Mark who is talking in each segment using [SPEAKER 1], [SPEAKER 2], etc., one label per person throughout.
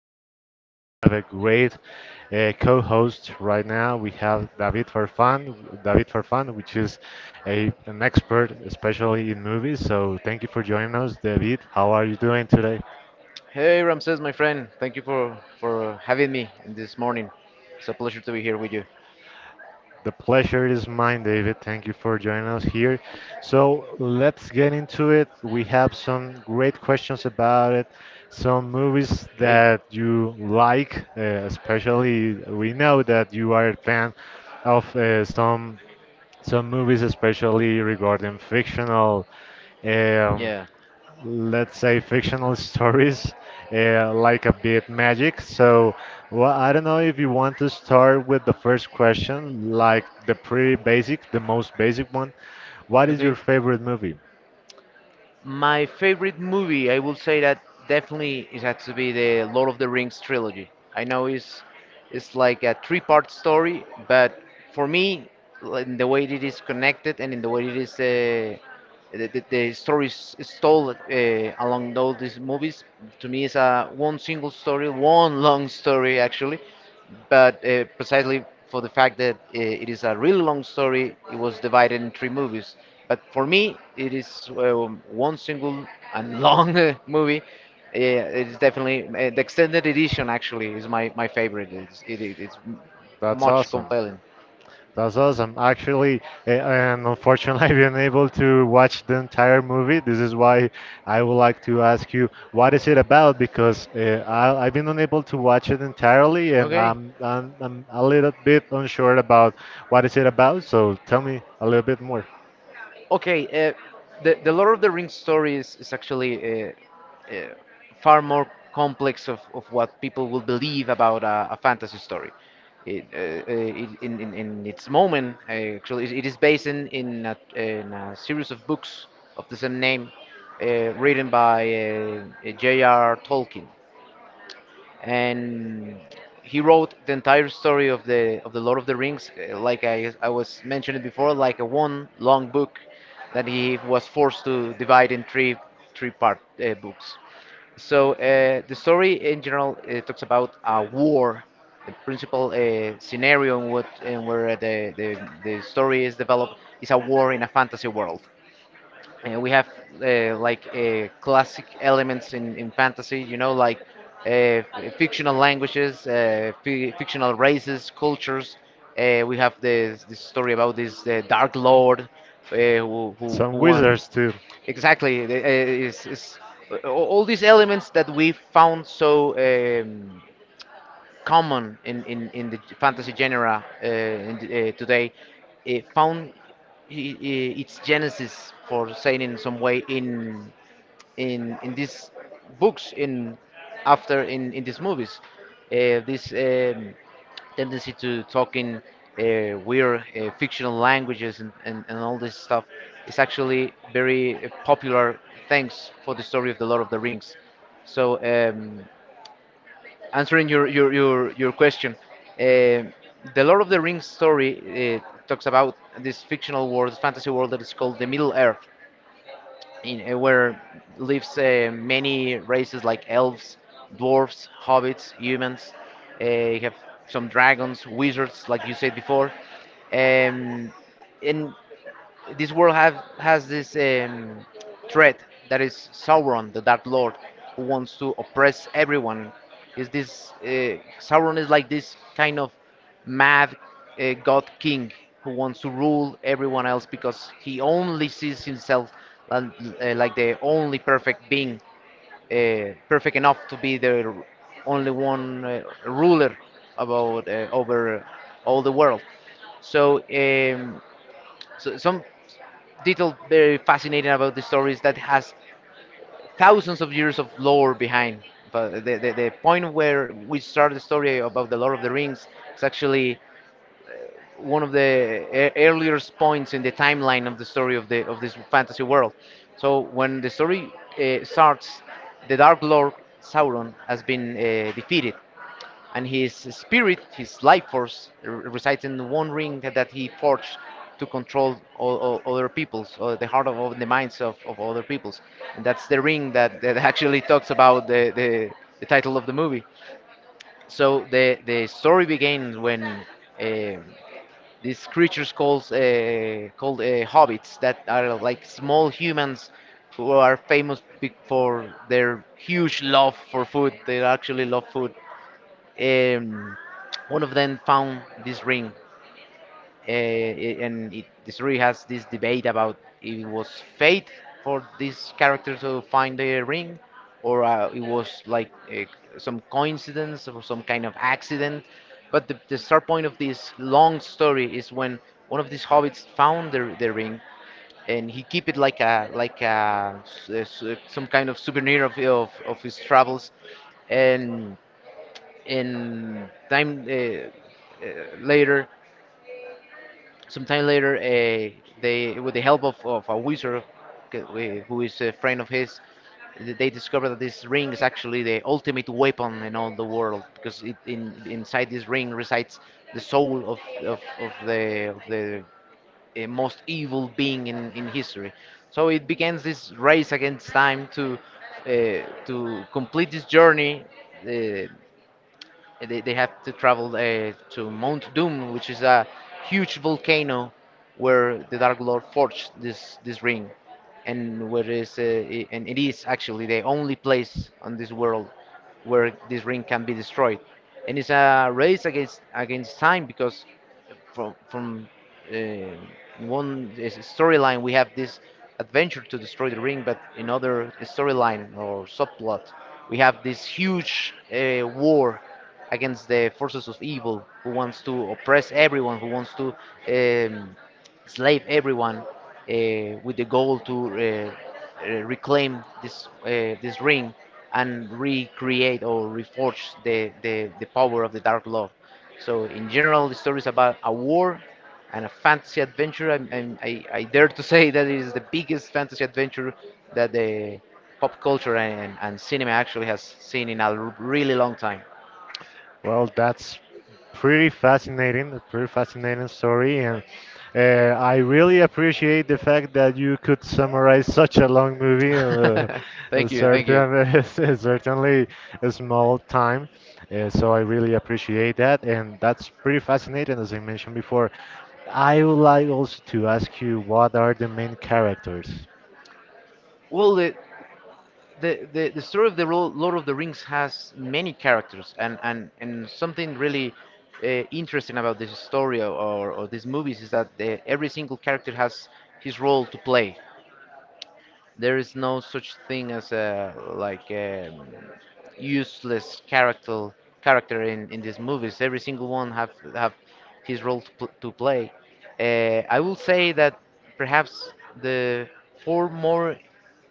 [SPEAKER 1] podcast. We have a great co-host right now. We have David Farfan, David Farfan, which is an expert, especially in movies. So thank you for joining us, David. How are you doing today?
[SPEAKER 2] Hey Ramses, my friend. Thank you for having me this morning. It's a pleasure to be here with you.
[SPEAKER 1] The pleasure is mine, David. Thank you for joining us here. So let's get into it. We have some great questions about it, some movies
[SPEAKER 2] Okay.
[SPEAKER 1] that you like, especially we know that you are a fan of some movies, especially regarding fictional eh, um,
[SPEAKER 2] Yeah.
[SPEAKER 1] let's say fictional stories like a bit magic. So well, I don't know if you want to start with the first question, like the pretty basic, the most basic one: what is your
[SPEAKER 2] Okay.
[SPEAKER 1] favorite movie?
[SPEAKER 2] My favorite movie, I would say that definitely it had to be the Lord of the Rings trilogy. I know it's like a three-part story, but for me, like, in the way it is connected and in the way it is the, the story is told along all these movies, to me, it's a one single story, one long story actually, but precisely for the fact that it is a really long story, it was divided in three movies. But for me, it is one single and long movie. Yeah, it is definitely the extended edition. Actually, is my favorite. It's it's
[SPEAKER 1] That's
[SPEAKER 2] much
[SPEAKER 1] awesome.
[SPEAKER 2] compelling.
[SPEAKER 1] That's awesome. Actually, and unfortunately, I've been able to watch the entire movie. This is why I would like to ask you, what is it about? Because I've been unable to watch it entirely, and
[SPEAKER 2] Okay.
[SPEAKER 1] I'm a little bit unsure about what is it about. So tell me a little bit more.
[SPEAKER 2] Okay, the Lord of the Rings story is actually uh, far more complex of what people will believe about a fantasy story. It, uh, uh, in its moment, actually, it is based in a series of books of the same name, written by J.R. Tolkien, and he wrote the entire story of the Lord of the Rings, like I was mentioning before, like a one long book that he was forced to divide in three part books. So the story in general talks about a war. The principal scenario in what in where the, the story is developed is a war in a fantasy world. We have like classic elements in fantasy, you know, like fictional languages, fictional races, cultures. We have this, this story about this Dark Lord who
[SPEAKER 1] Some
[SPEAKER 2] won.
[SPEAKER 1] wizards too.
[SPEAKER 2] Exactly. Is, is, all these elements that we found so common in the fantasy genre today found its genesis for saying in some way in these books, in after in in these movies. This Tendency to talk in weird fictional languages and all this stuff is actually very popular thanks for the story of the Lord of the Rings. So answering your question, uh, the Lord of the Rings story talks about this fictional world, fantasy world that is called the Middle Earth, in where lives many races like elves, dwarves, hobbits, humans. You have some dragons, wizards, like you said before. Um, and this world have has this threat that is Sauron, the Dark Lord, who wants to oppress everyone. Is this Sauron is like this kind of mad god king who wants to rule everyone else because he only sees himself and, like the only perfect being, perfect enough to be only one ruler about over all the world. So, some detail very fascinating about the stories that has thousands of years of lore behind. But the, the point where we start the story about the Lord of the Rings is actually one of earliest points in the timeline of the story of the of this fantasy world. So when the story starts, the Dark Lord Sauron has been defeated, and his spirit, his life force, resides in the one ring that, that he forged to control all other peoples, or the heart of the minds of other peoples. And that's the ring that, that actually talks about the title of the movie. So the story begins when um called hobbits that are like small humans who are famous for their huge love for food. They actually love food. um, One of them found this ring. This ring has this debate about: it was fate for this character to find the ring, or it was like some coincidence or some kind of accident. But the start point of this long story is when one of these hobbits found the ring, and he keep it like a some kind of souvenir of his travels. And in time later, sometime later, they, with the help of a wizard who is a friend of his, they discover that this ring is actually the ultimate weapon in all the world, because inside this ring resides the soul of the most evil being in history. So it begins this race against time to complete this journey. Uh, they have to travel to Mount Doom, which is a huge volcano where the Dark Lord forged this ring, and where is I- and it is actually the only place on this world where this ring can be destroyed. And it's a race against time, because from uh, one storyline, we have this adventure to destroy the ring, but in other storyline or subplot we have this huge war against the forces of evil who wants to oppress everyone, who wants to um, slave everyone with the goal to reclaim this this ring and recreate or reforge the, the power of the Dark Lord. So in general, the story is about a war and a fantasy adventure. I dare to say that it is the biggest fantasy adventure that the pop culture and cinema actually has seen in a really long time.
[SPEAKER 1] Well, that's pretty fascinating, a pretty fascinating story, and uh, I really appreciate the fact that you could summarize such a long movie in a
[SPEAKER 2] Thank you, thank
[SPEAKER 1] certain,
[SPEAKER 2] you.
[SPEAKER 1] a certainly a small time. So I really appreciate that, and that's pretty fascinating, as I mentioned before. I would like also to ask you, what are the main characters?
[SPEAKER 2] Well, the story of the Lord of the Rings has many characters, and something really interesting about this story or these movies is that the, every single character has his role to play. There is no such thing as a like useless character in these movies. Every single one have his role to, to play. I will say that perhaps the four more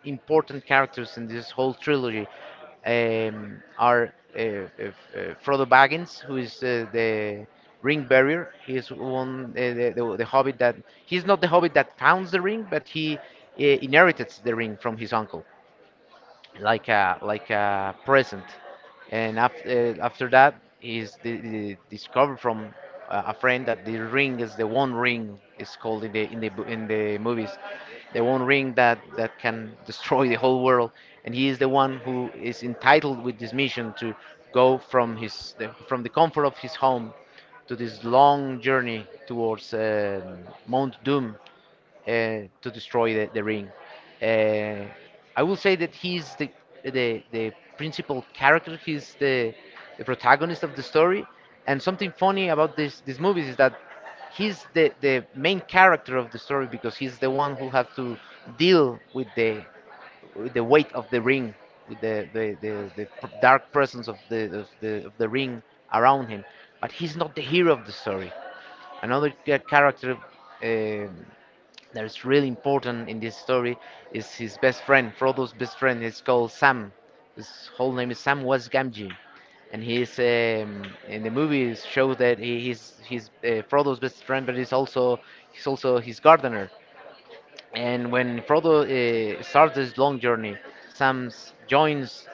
[SPEAKER 2] important characters in this whole trilogy are Frodo Baggins, who is the ring bearer. He is one the, the hobbit that — he's not the hobbit that founds the ring, but he inherited the ring from his uncle like a present. And after that is the discovered from a friend that the ring is the one ring, is called in the in the in the movies the one ring that that can destroy the whole world. And he is the one who is entitled with this mission to go from from the comfort of his home to this long journey towards Mount Doom to destroy the ring. Uh, I will say that he's the principal character. He's the protagonist of the story. And something funny about this these movies is that he's the main character of the story because he's the one who has to deal with the weight of the ring, with the, dark presence of the of the of the ring around him. But he's not the hero of the story. Another character um that is really important in this story is his best friend. Frodo's best friend is called Sam. His whole name is Sam West Gamgee, and he's in the movie it shows that he, he's Frodo's best friend, but he's also his gardener. And when Frodo starts this long journey, Sam joins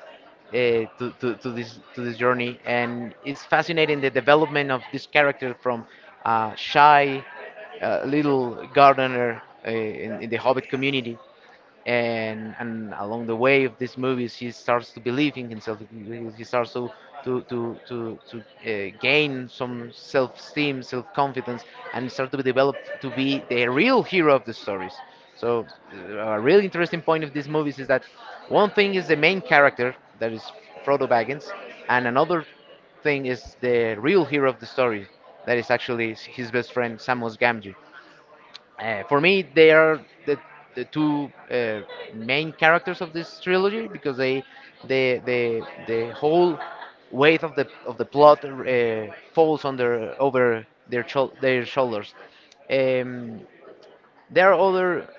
[SPEAKER 2] to this journey. And it's fascinating the development of this character from shy little gardener in the Hobbit community. And along the way of these movies, he starts to believe in himself. He starts to to gain some self-esteem, self-confidence, and start to be developed to be the real hero of the stories. So a really interesting point of these movies is that one thing is the main character, that is Frodo Baggins, and another thing is the real hero of the story, that is actually his best friend Samus Gamgee. For me, they are the, the two main characters of this trilogy, because they, the whole weight of the plot falls on their over their their shoulders. Um, there are other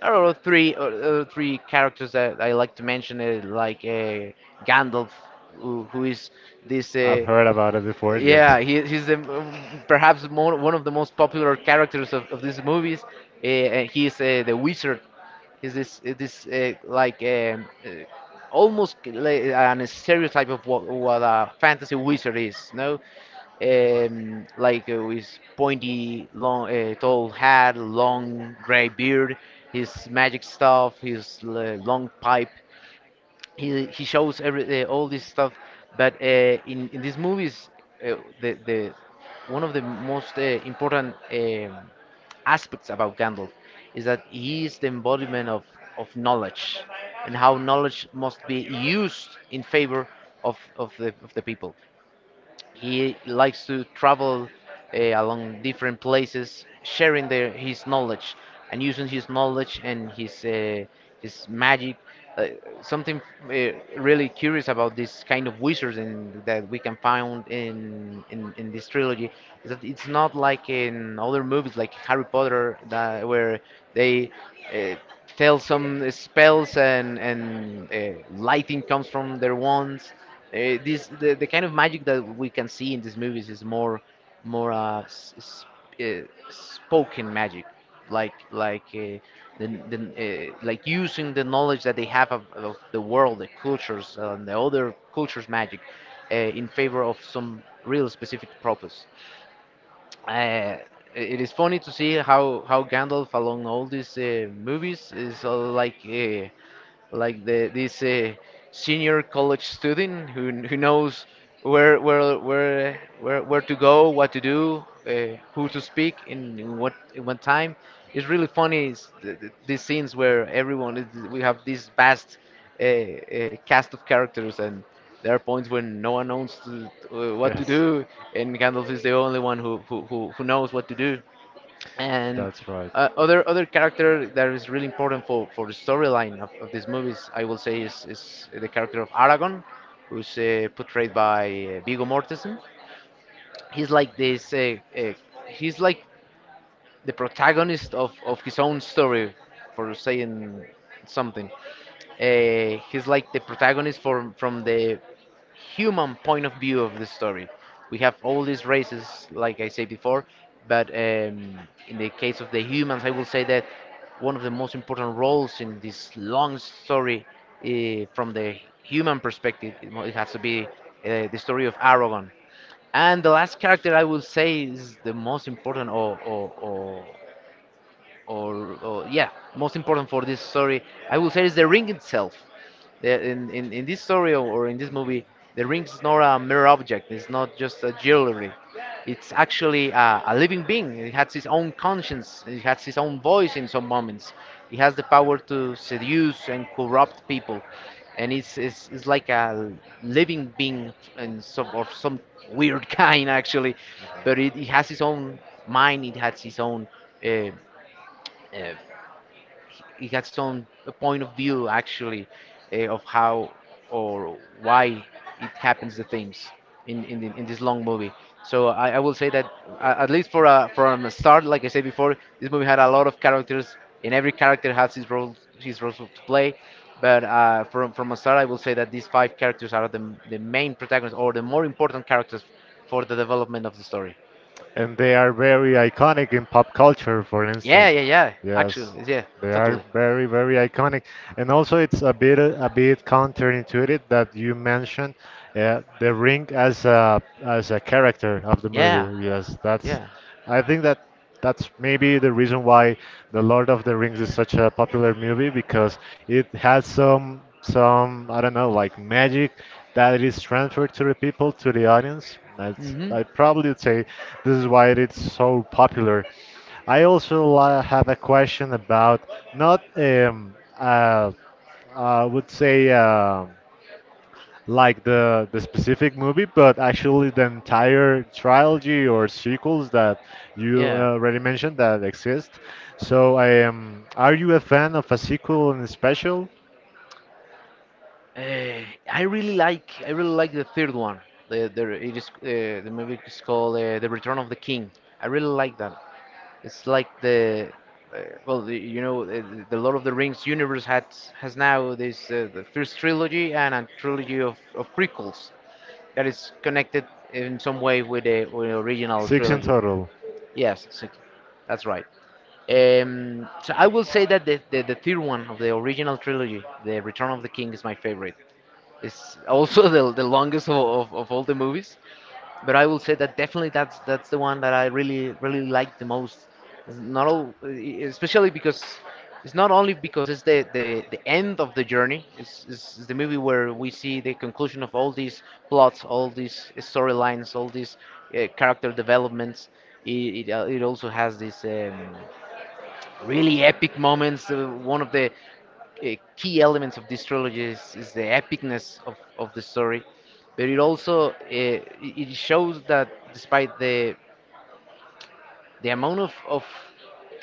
[SPEAKER 2] there are three three characters that I like to mention, Gandalf, who is this
[SPEAKER 1] Heard about it before.
[SPEAKER 2] yeah, he's perhaps one of the most popular characters of these movies. And he's the wizard. He's this eh, this like almost like an stereotype of what a fantasy wizard is. No, his pointy, long, tall hat, long gray beard, his magic stuff, his long pipe. He shows every all this stuff, but in these movies, uh, the one of the most important aspects about Gandalf is that he is the embodiment of knowledge and how knowledge must be used in favor of the people. He likes to travel along different places, sharing his knowledge and using his knowledge and his magic. Uh, Something really curious about this kind of wizards that we can find in this trilogy is that it's not like in other movies like Harry Potter that where they uh, tell some spells and lighting comes from their wands. This The kind of magic that we can see in these movies is more spoken magic, like like uh, the, the like using the knowledge that they have of the world, the cultures and the other cultures magic, in favor of some real specific purpose. uh, it is funny to see how Gandalf along all these movies is like the this senior college student who knows where to go, what to do, who to speak, in what time. It's really funny these scenes where everyone is, we have this vast cast of characters and. There are points when no one knows what to
[SPEAKER 1] Yes,
[SPEAKER 2] do, and Gandalf is the only one who knows what to do. And
[SPEAKER 1] that's right.
[SPEAKER 2] other character that is really important for the storyline of these movies, I will say, is the character of Aragon, who's portrayed by Viggo Mortensen. He's like this. He's like the protagonist of his own story, for saying something. He's like the protagonist from the human point of view of the story. We have all these races, like I said before, but in the case of the humans, I will say that one of the most important roles in this long story from the human perspective, it has to be the story of Aragon. And the last character I will say is the most important or yeah, most important for this story, I will say is the ring itself. In this story or in this movie, the ring is not a mere object. It's not just a jewelry. It's actually a living being. It has its own conscience. It has its own voice in some moments. It has the power to seduce and corrupt people, and it's like a living being and some weird kind actually, but it has its own mind. It has its own. Uh, uh, he has some point of view actually, of how or why it happens the things in this long movie. So I will say that at least for a from a start, like I said before, this movie had a lot of characters, and every character has his role to play. But from a start, I will say that these five characters are the main protagonists or the more important characters for the development of the story.
[SPEAKER 1] And they are very iconic in pop culture, for instance.
[SPEAKER 2] Yeah, yeah, yeah.
[SPEAKER 1] Yes.
[SPEAKER 2] Actually, yeah,
[SPEAKER 1] They are
[SPEAKER 2] totally.
[SPEAKER 1] very, very iconic, and also it's a bit counterintuitive that you mentioned the ring as a character of the
[SPEAKER 2] Yeah,
[SPEAKER 1] movie. Yes, that's.
[SPEAKER 2] yeah.
[SPEAKER 1] I think that that's maybe the reason why The Lord of the Rings is such a popular movie, because it has some, I don't know, like magic that is transferred to the people, to the audience. That's,
[SPEAKER 2] Mhm.
[SPEAKER 1] I probably would say, this is why it's so popular. I also have a question about not I would say, like the specific movie, but actually the entire trilogy or sequels that you
[SPEAKER 2] Yeah.
[SPEAKER 1] already mentioned that exist. So I am. Are you a fan of a sequel in special?
[SPEAKER 2] Uh, I really like the third one. The It is, the movie is called The Return of the King. I really like that. It's like the uh, well, the, you know, the Lord of the Rings universe had has now this the first trilogy and a trilogy of prequels that is connected in some way with with the original
[SPEAKER 1] Six in
[SPEAKER 2] trilogy.
[SPEAKER 1] total.
[SPEAKER 2] Yes, so- that's right. So I will say that the third one of the original trilogy, The Return of the King, is my favorite. Is also the longest of all the movies. But I will say that definitely that's the one that I really really like the most. It's not all, especially because it's not only because it's the end of the journey. It's the movie where we see the conclusion of all these plots, all these storylines, all these character developments. It also has this really epic moments. One of the key elements of this trilogy is the epicness of the story, but it also it shows that despite the amount of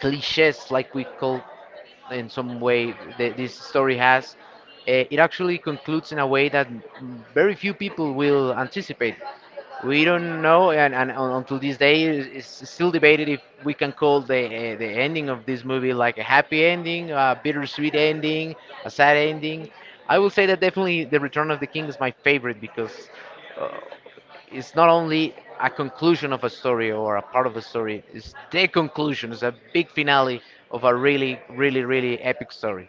[SPEAKER 2] cliches like we call in some way this story has, it actually concludes in a way that very few people will anticipate. We don't know, and until this day is still debated if we can call the ending of this movie like a happy ending, a bittersweet ending, a sad ending. I will say that definitely The Return of the King is my favorite because uh, it's not only a conclusion of a story or a part of a story, it's the conclusion, it's a big finale of a really, really, really epic story.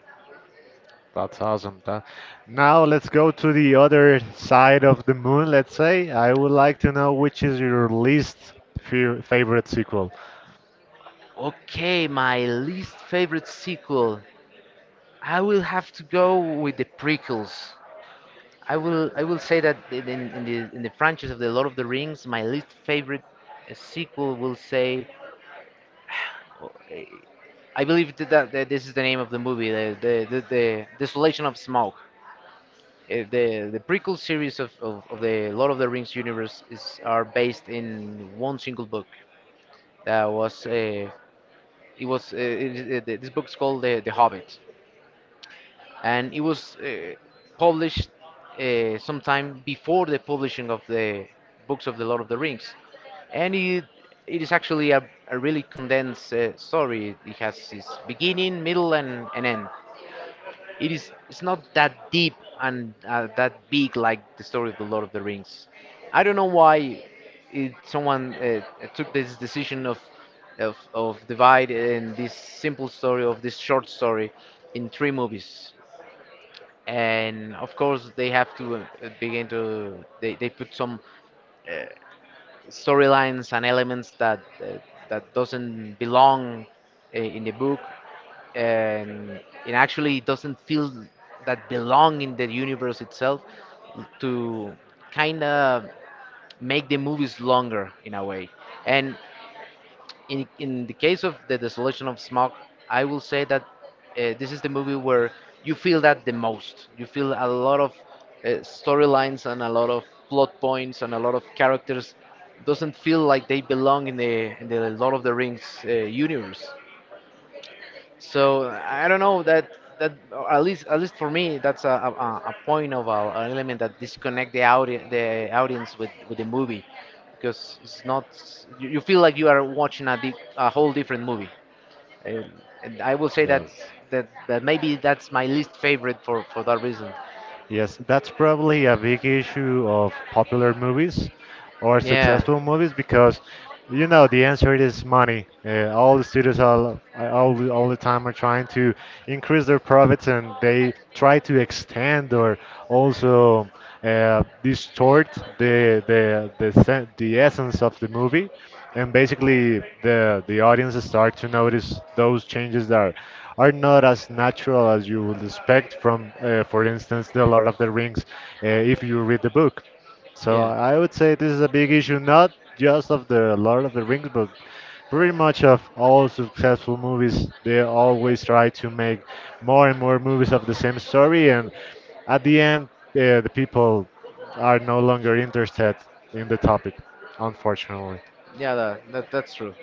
[SPEAKER 1] That's awesome. Now let's go to the other side of the moon. Let's say I would like to know which is your least favorite sequel.
[SPEAKER 2] Okay, my least favorite sequel. I will have to go with the prequels. I will say that in the franchise of the Lord of the Rings, my least favorite sequel will say uh, I believe that this is the name of the movie, the Desolation of Smaug. The prequel series of the Lord of the Rings universe is are based in one single book that was this book's called the Hobbit, and it was published sometime before the publishing of the books of the Lord of the Rings. And it is actually a really condensed story. It has its beginning, middle and an end. It is, it's not that deep and that big like the story of the Lord of the Rings. I don't know why someone took this decision of divide in this simple story of this short story in three movies. And of course, they have to begin to they put some storylines and elements that that doesn't belong in the book, and it actually doesn't feel that belong in the universe itself to kind of make the movies longer in a way. And in the case of the Desolation of Smog, I will say that this is the movie where you feel that the most. You feel a lot of storylines and a lot of plot points and a lot of characters doesn't feel like they belong in the Lord of the Rings universe. So I don't know that that at least for me, that's a point of an element that disconnect the audience with the movie, because it's not, you, you feel like you are watching a whole different movie. and, and I will say that,
[SPEAKER 1] Yes.
[SPEAKER 2] that that maybe that's my least favorite for that reason.
[SPEAKER 1] Yes, that's probably a big issue of popular movies or
[SPEAKER 2] Yeah,
[SPEAKER 1] successful movies, because you know the answer is money. All the studios, all the time, are trying to increase their profits, and they try to extend or also distort the the essence of the movie, and basically the audience start to notice those changes that are not as natural as you would expect from, for instance, the Lord of the Rings, if you read the book. So
[SPEAKER 2] yeah,
[SPEAKER 1] I would say this is a big issue, not just of the Lord of the Rings, but pretty much of all successful movies. They always try to make more and more movies of the same story, and at the end, the people are no longer interested in the topic, unfortunately.
[SPEAKER 2] yeah, that that's true.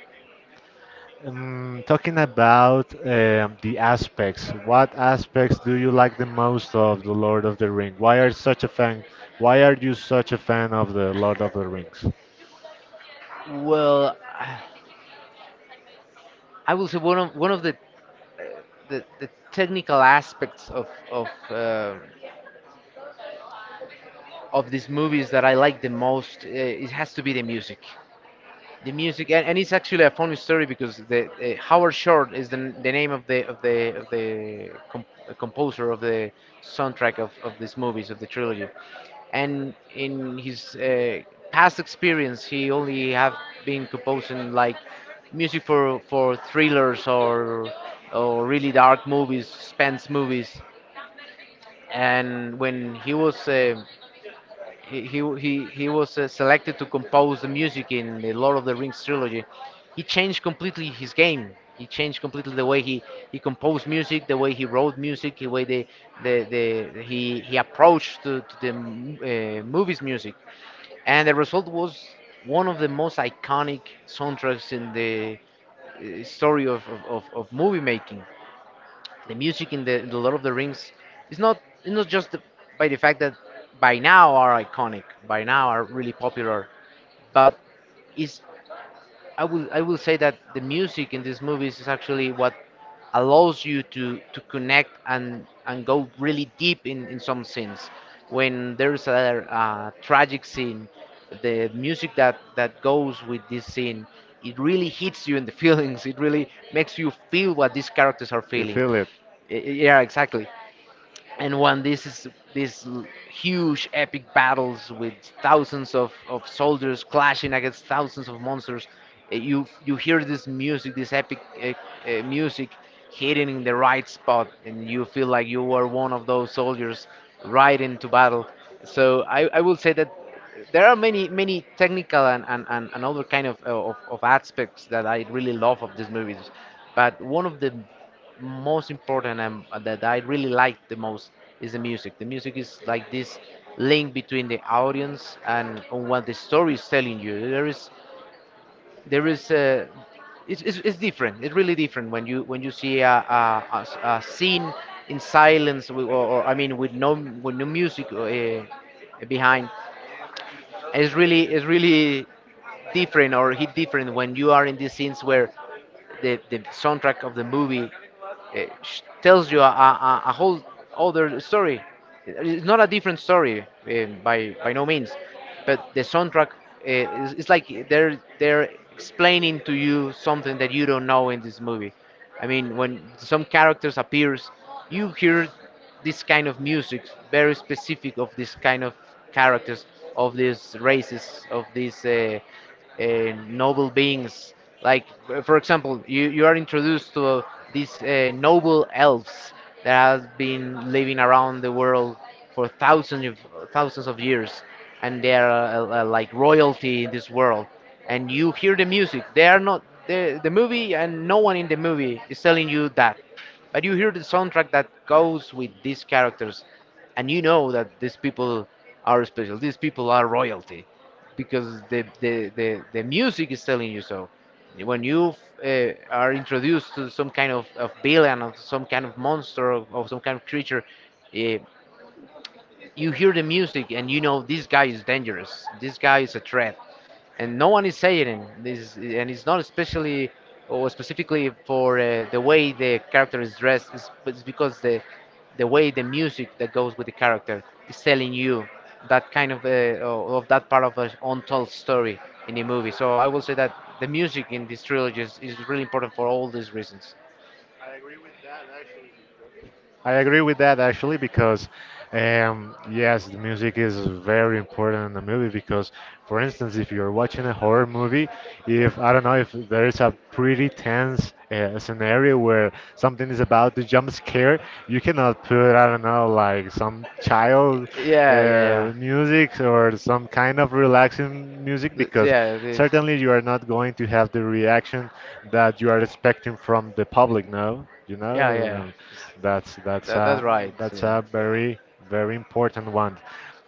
[SPEAKER 1] Talking about the aspects, what aspects do you like the most of The Lord of the Ring? Why are such a fan? Why are you such a fan of The Lord of the Rings?
[SPEAKER 2] Well I will say one of the the technical aspects of these movies that I like the most, it has to be the music. The music. And it's actually a funny story because the, Howard Shore is the name of the composer of the soundtrack of these movies of the trilogy, and in his past experience, he only have been composing like music for thrillers or really dark movies, suspense movies. And when he was he was selected to compose the music in the Lord of the Rings trilogy, he changed completely his game. He changed completely the way he composed music, the way he wrote music, the way the he approached to the movies music, and the result was one of the most iconic soundtracks in the story of movie making. The music in the Lord of the Rings is not just the, by the fact that by now are iconic, by now are really popular, but it's I will say that the music in these movies is actually what allows you to connect and go really deep in some scenes. When there's a, tragic scene, the music that goes with this scene, it really hits you in the feelings. It really makes you feel what these characters are
[SPEAKER 1] You
[SPEAKER 2] feeling.
[SPEAKER 1] feel it?
[SPEAKER 2] Yeah, exactly, and won these huge epic battles with thousands of soldiers clashing against thousands of monsters. You hear this music, this epic music hitting in the right spot, and you feel like you were one of those soldiers right into battle. I will say that there are many many technical and other kind of aspects that I really love of these movies, but one of the most important and that I really like the most is the music. The music is like this link between the audience and on what the story is telling you. There is a It's, it's different. It's really different when you see a, a scene in silence with, or I mean with no music behind. It's really different or hit different when you are in these scenes where the soundtrack of the movie tells you a whole other story. It's not a different story by no means, but the soundtrack is it's like they're explaining to you something that you don't know in this movie. I mean, when some characters appears, you hear this kind of music very specific of this kind of characters, of these races, of these uh, noble beings. Like for example, you are introduced to these noble elves that have been living around the world for thousands of years, and they are like royalty in this world. And you hear the music. They are not the movie, and no one in the movie is telling you that, but you hear the soundtrack that goes with these characters, and you know that these people are special. These people are royalty, because the music is telling you so. When you are introduced to some kind of villain, of some kind of monster, of some kind of creature, uh, you hear the music and you know this guy is dangerous. This guy is a threat, and no one is saying it. This and it's not especially or specifically for the way the character is dressed. It's because the way the music that goes with the character is telling you that kind of that part of an untold story in the movie. So I will say that the music in this trilogy is really important for all these reasons.
[SPEAKER 1] I agree with that actually, because, yes, the music is very important in the movie because, for instance, if you're watching a horror movie, if, I don't know, if there is a pretty tense scenario where something is about to jump scare, you cannot put, I don't know, like some
[SPEAKER 2] Like
[SPEAKER 1] child
[SPEAKER 2] yeah, yeah, yeah.
[SPEAKER 1] music or some kind of relaxing music, because
[SPEAKER 2] Yeah, this.
[SPEAKER 1] certainly you are not going to have the reaction that you are expecting from the public. No, you know.
[SPEAKER 2] Yeah, yeah.
[SPEAKER 1] um, that's that's
[SPEAKER 2] That's
[SPEAKER 1] a
[SPEAKER 2] right.
[SPEAKER 1] that's
[SPEAKER 2] Yeah.
[SPEAKER 1] a very very important one.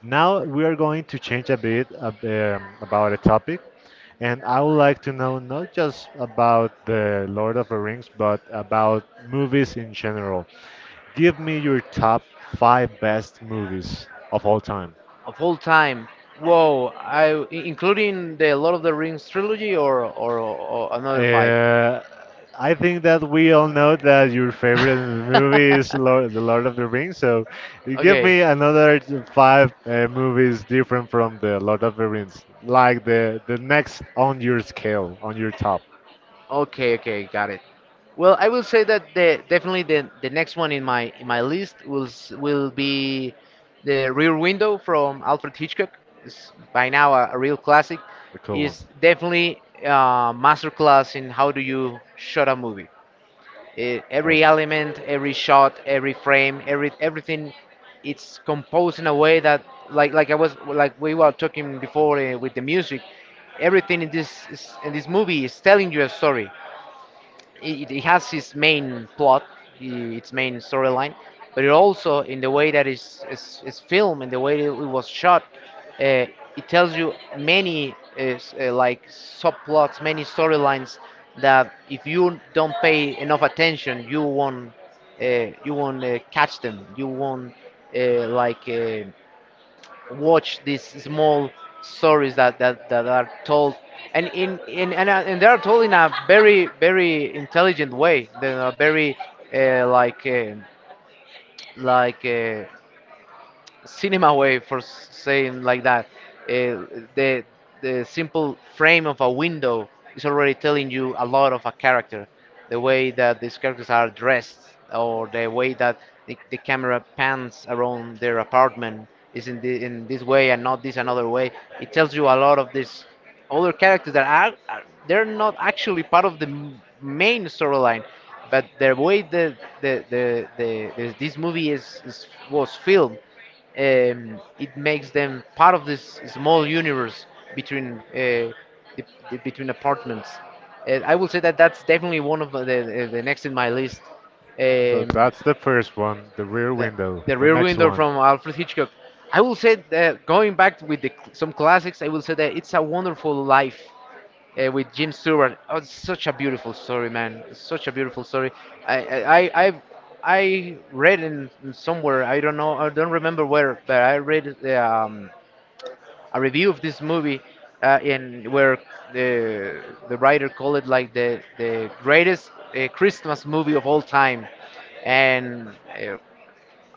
[SPEAKER 1] Now we are going to change a bit about the topic, and I would like to know not just about the Lord of the Rings, but about movies in general. Give me your top five best movies of all time.
[SPEAKER 2] Of all time. Whoa, including the Lord of the Rings trilogy, or another five.
[SPEAKER 1] Uh, I think that we all know that your favorite movie is The Lord of the Rings. So you give
[SPEAKER 2] Okay.
[SPEAKER 1] me another five movies different from The Lord of the Rings, like the next on your scale, on your top.
[SPEAKER 2] Okay, okay, got it. Well, I will say that the definitely the next one in my list will be the Rear Window from Alfred Hitchcock. It's by now a real classic.
[SPEAKER 1] The cool one.
[SPEAKER 2] Is definitely a masterclass in how do you shot a movie. Eh, every
[SPEAKER 1] Awesome.
[SPEAKER 2] element, every shot, every frame, every everything, it's composed in a way that I was, like we were talking before, eh, with the music. Everything in this in this movie is telling you a story. It has its main plot, i- its main storyline, but it also, in the way that it's filmed, in the way that it was shot, uh, it tells you many like subplots, many storylines that if you don't pay enough attention, you won't catch them. You won't like watch these small stories that, that, that are told and in and, and they are told in a very very intelligent way they are very uh, like uh, like uh, cinema way for saying like that. The simple frame of a window is already telling you a lot of a character. The way that these characters are dressed, or the way that the camera pans around their apartment is in in this way and not this another way. It tells you a lot of these other characters that are they're not actually part of the main storyline, but the way the this movie is was filmed, it makes them part of this small universe between the, between apartments. And I will say that that's definitely one of the next in my list.
[SPEAKER 1] So
[SPEAKER 2] Um,
[SPEAKER 1] that's the first one, the Rear
[SPEAKER 2] the,
[SPEAKER 1] Window.
[SPEAKER 2] the
[SPEAKER 1] The
[SPEAKER 2] Rear
[SPEAKER 1] next
[SPEAKER 2] Window
[SPEAKER 1] one,
[SPEAKER 2] from Alfred Hitchcock. I will say that going back with some classics, I will say that It's a Wonderful Life with Jim Stewart. Oh, it's such a beautiful story, man. It's such a beautiful story. I've, I read in somewhere. I don't know. I don't remember where, but I read a review of this movie, in where the writer called it like the greatest Christmas movie of all time, and. Uh,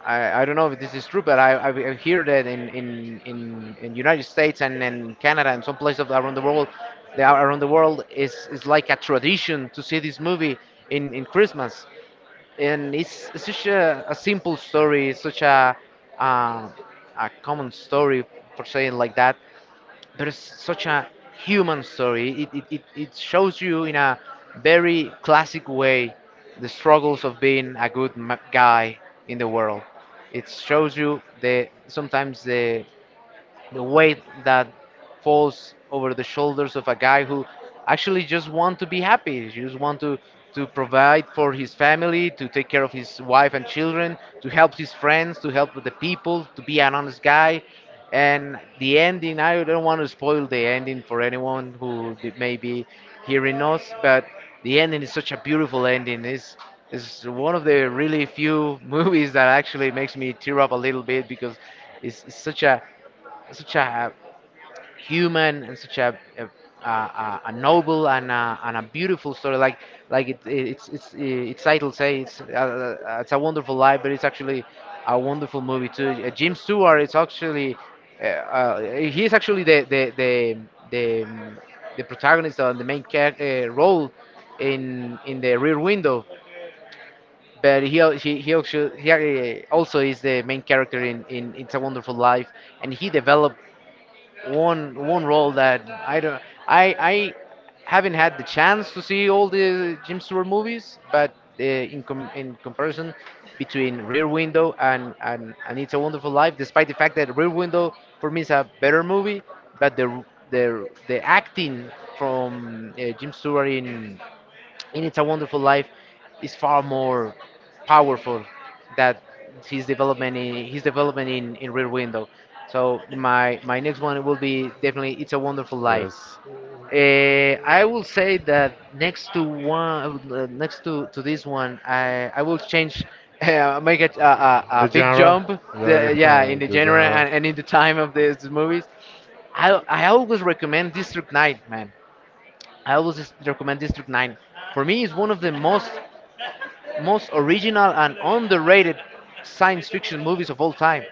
[SPEAKER 2] I don't know if this is true, but I've heard that in United States and in Canada and some places around the world, is like a tradition to see this movie in Christmas, and it's such a simple story, such uh, a common story for saying like that, but it's such a human story. It shows you in a very classic way the struggles of being a good guy in the world. It shows you the sometimes the weight that falls over the shoulders of a guy who actually just want to be happy, just want to provide for his family, to take care of his wife and children, to help his friends, to help the people, to be an honest guy. And the ending, I don't want to spoil the ending for anyone who may be hearing us, but the ending is such a beautiful ending. It's one of the really few movies that actually makes me tear up a little bit, because it's such a such a human and such a a noble and a beautiful story. It, it's title say it's a wonderful life, but it's actually a wonderful movie too. Jim Stewart is actually he is actually the, um, the protagonist and the main role in the Rear Window. But he also is the main character in It's a Wonderful Life, and he developed one role that I don't I haven't had the chance to see all the Jim Stewart movies, but in comparison between Rear Window and, It's a Wonderful Life, despite the fact that Rear Window for me is a better movie, but the acting from Jim Stewart in It's a Wonderful Life is far more powerful that his development in Rear Window. So my next one will be definitely It's a Wonderful Life.
[SPEAKER 1] yes.
[SPEAKER 2] I will say that next to one, next to this one, I will change, make
[SPEAKER 1] The
[SPEAKER 2] a big
[SPEAKER 1] genre,
[SPEAKER 2] jump.
[SPEAKER 1] your-
[SPEAKER 2] Yeah, in the
[SPEAKER 1] the
[SPEAKER 2] genre
[SPEAKER 1] genre.
[SPEAKER 2] and, in the time of these movies, I always recommend District 9, man. I always recommend District 9. For me, it's one of the most original and underrated science fiction movies of all time.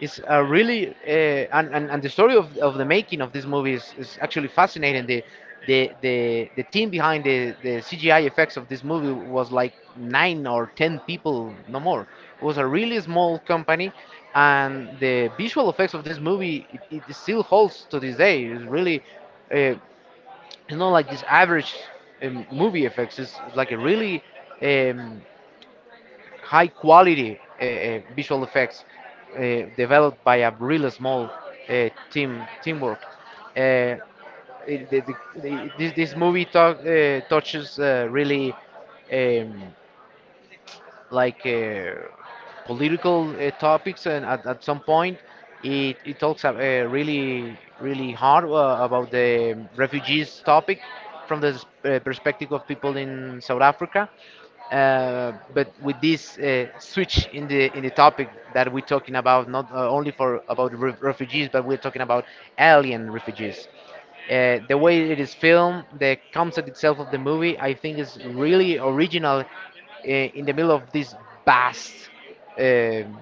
[SPEAKER 2] It's a really and, the story of the making of this movie is actually fascinating. The the the team behind the CGI effects of this movie was like 9 or 10 people, no more. It was a really small company, and the visual effects of this movie, it still holds to this day. It's really uh, it's not like this average movie effects. It's like a really um, high quality visual effects developed by a really small team teamwork. Uh, it, the, this movie touches really um, like uh, political topics, and at some point it, it talks really really hard about the refugees topic from the perspective of people in South Africa. But with this switch in the topic that we're talking about, not only for about refugees, but we're talking about alien refugees. The way it is filmed, the concept itself of the movie, I think is really original in the middle of this vast um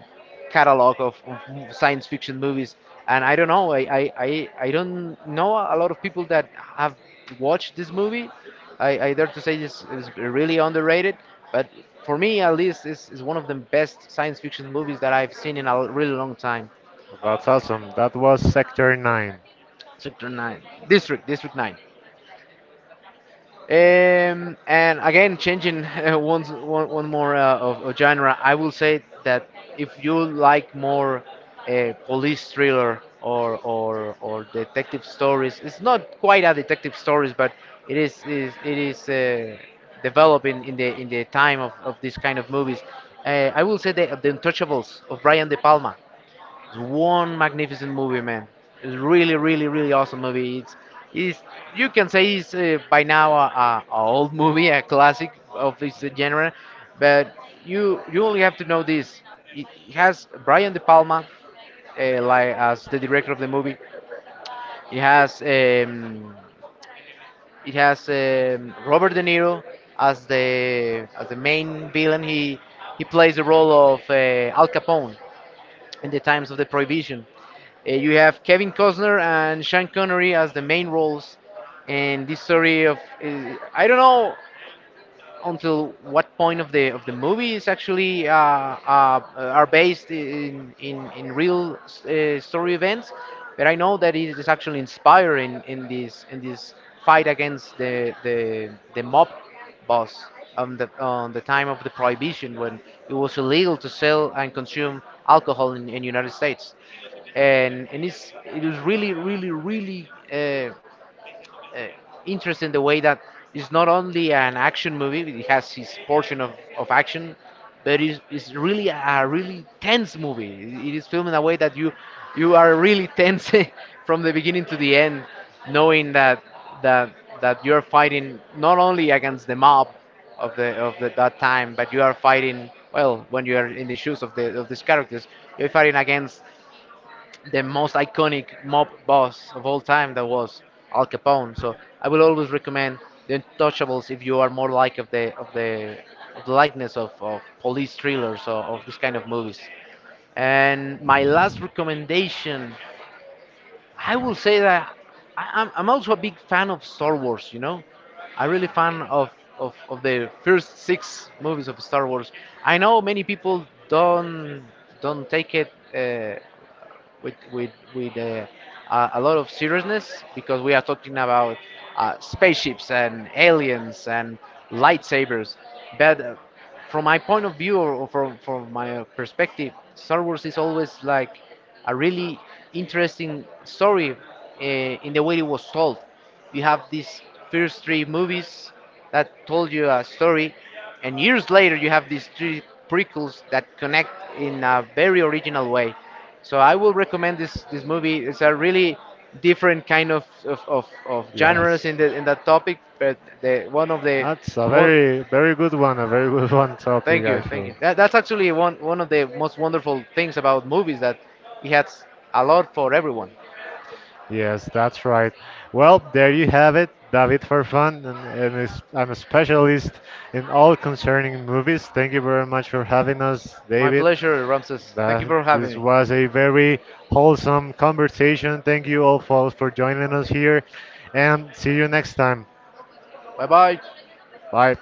[SPEAKER 2] catalog of science fiction movies. And I don't know, I don't know a lot of people that have watched this movie. I dare to say this is really underrated, but for me at least, it's one of the best science fiction movies that I've seen in a really long time.
[SPEAKER 1] That's awesome. That was Sector 9.
[SPEAKER 2] District 9. District 9. And again, changing one more of genre, I will say that if you like more police thriller or detective stories, it's not quite a detective stories, but it is developing in the time of this kind of movies. I will say the Untouchables of Brian De Palma. It's one magnificent movie, man. It's really, really, really awesome movie. It's you can say it's by now a old movie, a classic of this genre, but you only have to know this. It has Brian De Palma like as the director of the movie. It has um, it has Robert De Niro as the main villain. He plays the role of Al Capone in the times of the Prohibition. You have Kevin Costner and Sean Connery as the main roles in this story of I don't know until what point of the movie is actually are based in real story events, but I know that it is actually inspired in this fight against the mob boss on the time of the prohibition when it was illegal to sell and consume alcohol in United States and it was really, really, really interesting the way that it's not only an action movie, it has its portion of action, but it's really a really tense movie. It is filmed in a way that you are really tense from the beginning to the end, knowing that that you're fighting not only against the mob of that time, but you are fighting well when you are in the shoes of these characters, you're fighting against the most iconic mob boss of all time that was Al Capone. So I will always recommend The Untouchables if you are more like of the likeness of police thrillers or of this kind of movies. And my last recommendation, I will say that I'm also a big fan of Star Wars, you know? I'm really fan of the first six movies of Star Wars. I know many people don't take it. With a lot of seriousness because we are talking about spaceships and aliens and lightsabers. But From my point of view or from my perspective, Star Wars is always like a really interesting story in the way it was told. You have these first three movies that told you a story, and years later you have these three prequels that connect in a very original way. So I will recommend this movie. It's a really different kind of of genres
[SPEAKER 1] Yes.
[SPEAKER 2] in the in that topic, but the one of the
[SPEAKER 1] That's a
[SPEAKER 2] one.
[SPEAKER 1] very, very good one, a very good one topic,
[SPEAKER 2] Thank you, thank you.
[SPEAKER 1] actually.
[SPEAKER 2] That's actually one of the most wonderful things about movies that it has a lot for everyone.
[SPEAKER 1] Yes, that's right. Well, there you have it, David Farfan, and is, I'm a specialist in all concerning movies. Thank you very much for having us,
[SPEAKER 2] My
[SPEAKER 1] David.
[SPEAKER 2] pleasure, Ramses. Thank you
[SPEAKER 1] That
[SPEAKER 2] for having
[SPEAKER 1] this
[SPEAKER 2] me.
[SPEAKER 1] was a very wholesome conversation. Thank you all folks for joining us here, and see you next time.
[SPEAKER 2] Bye bye.
[SPEAKER 1] Bye.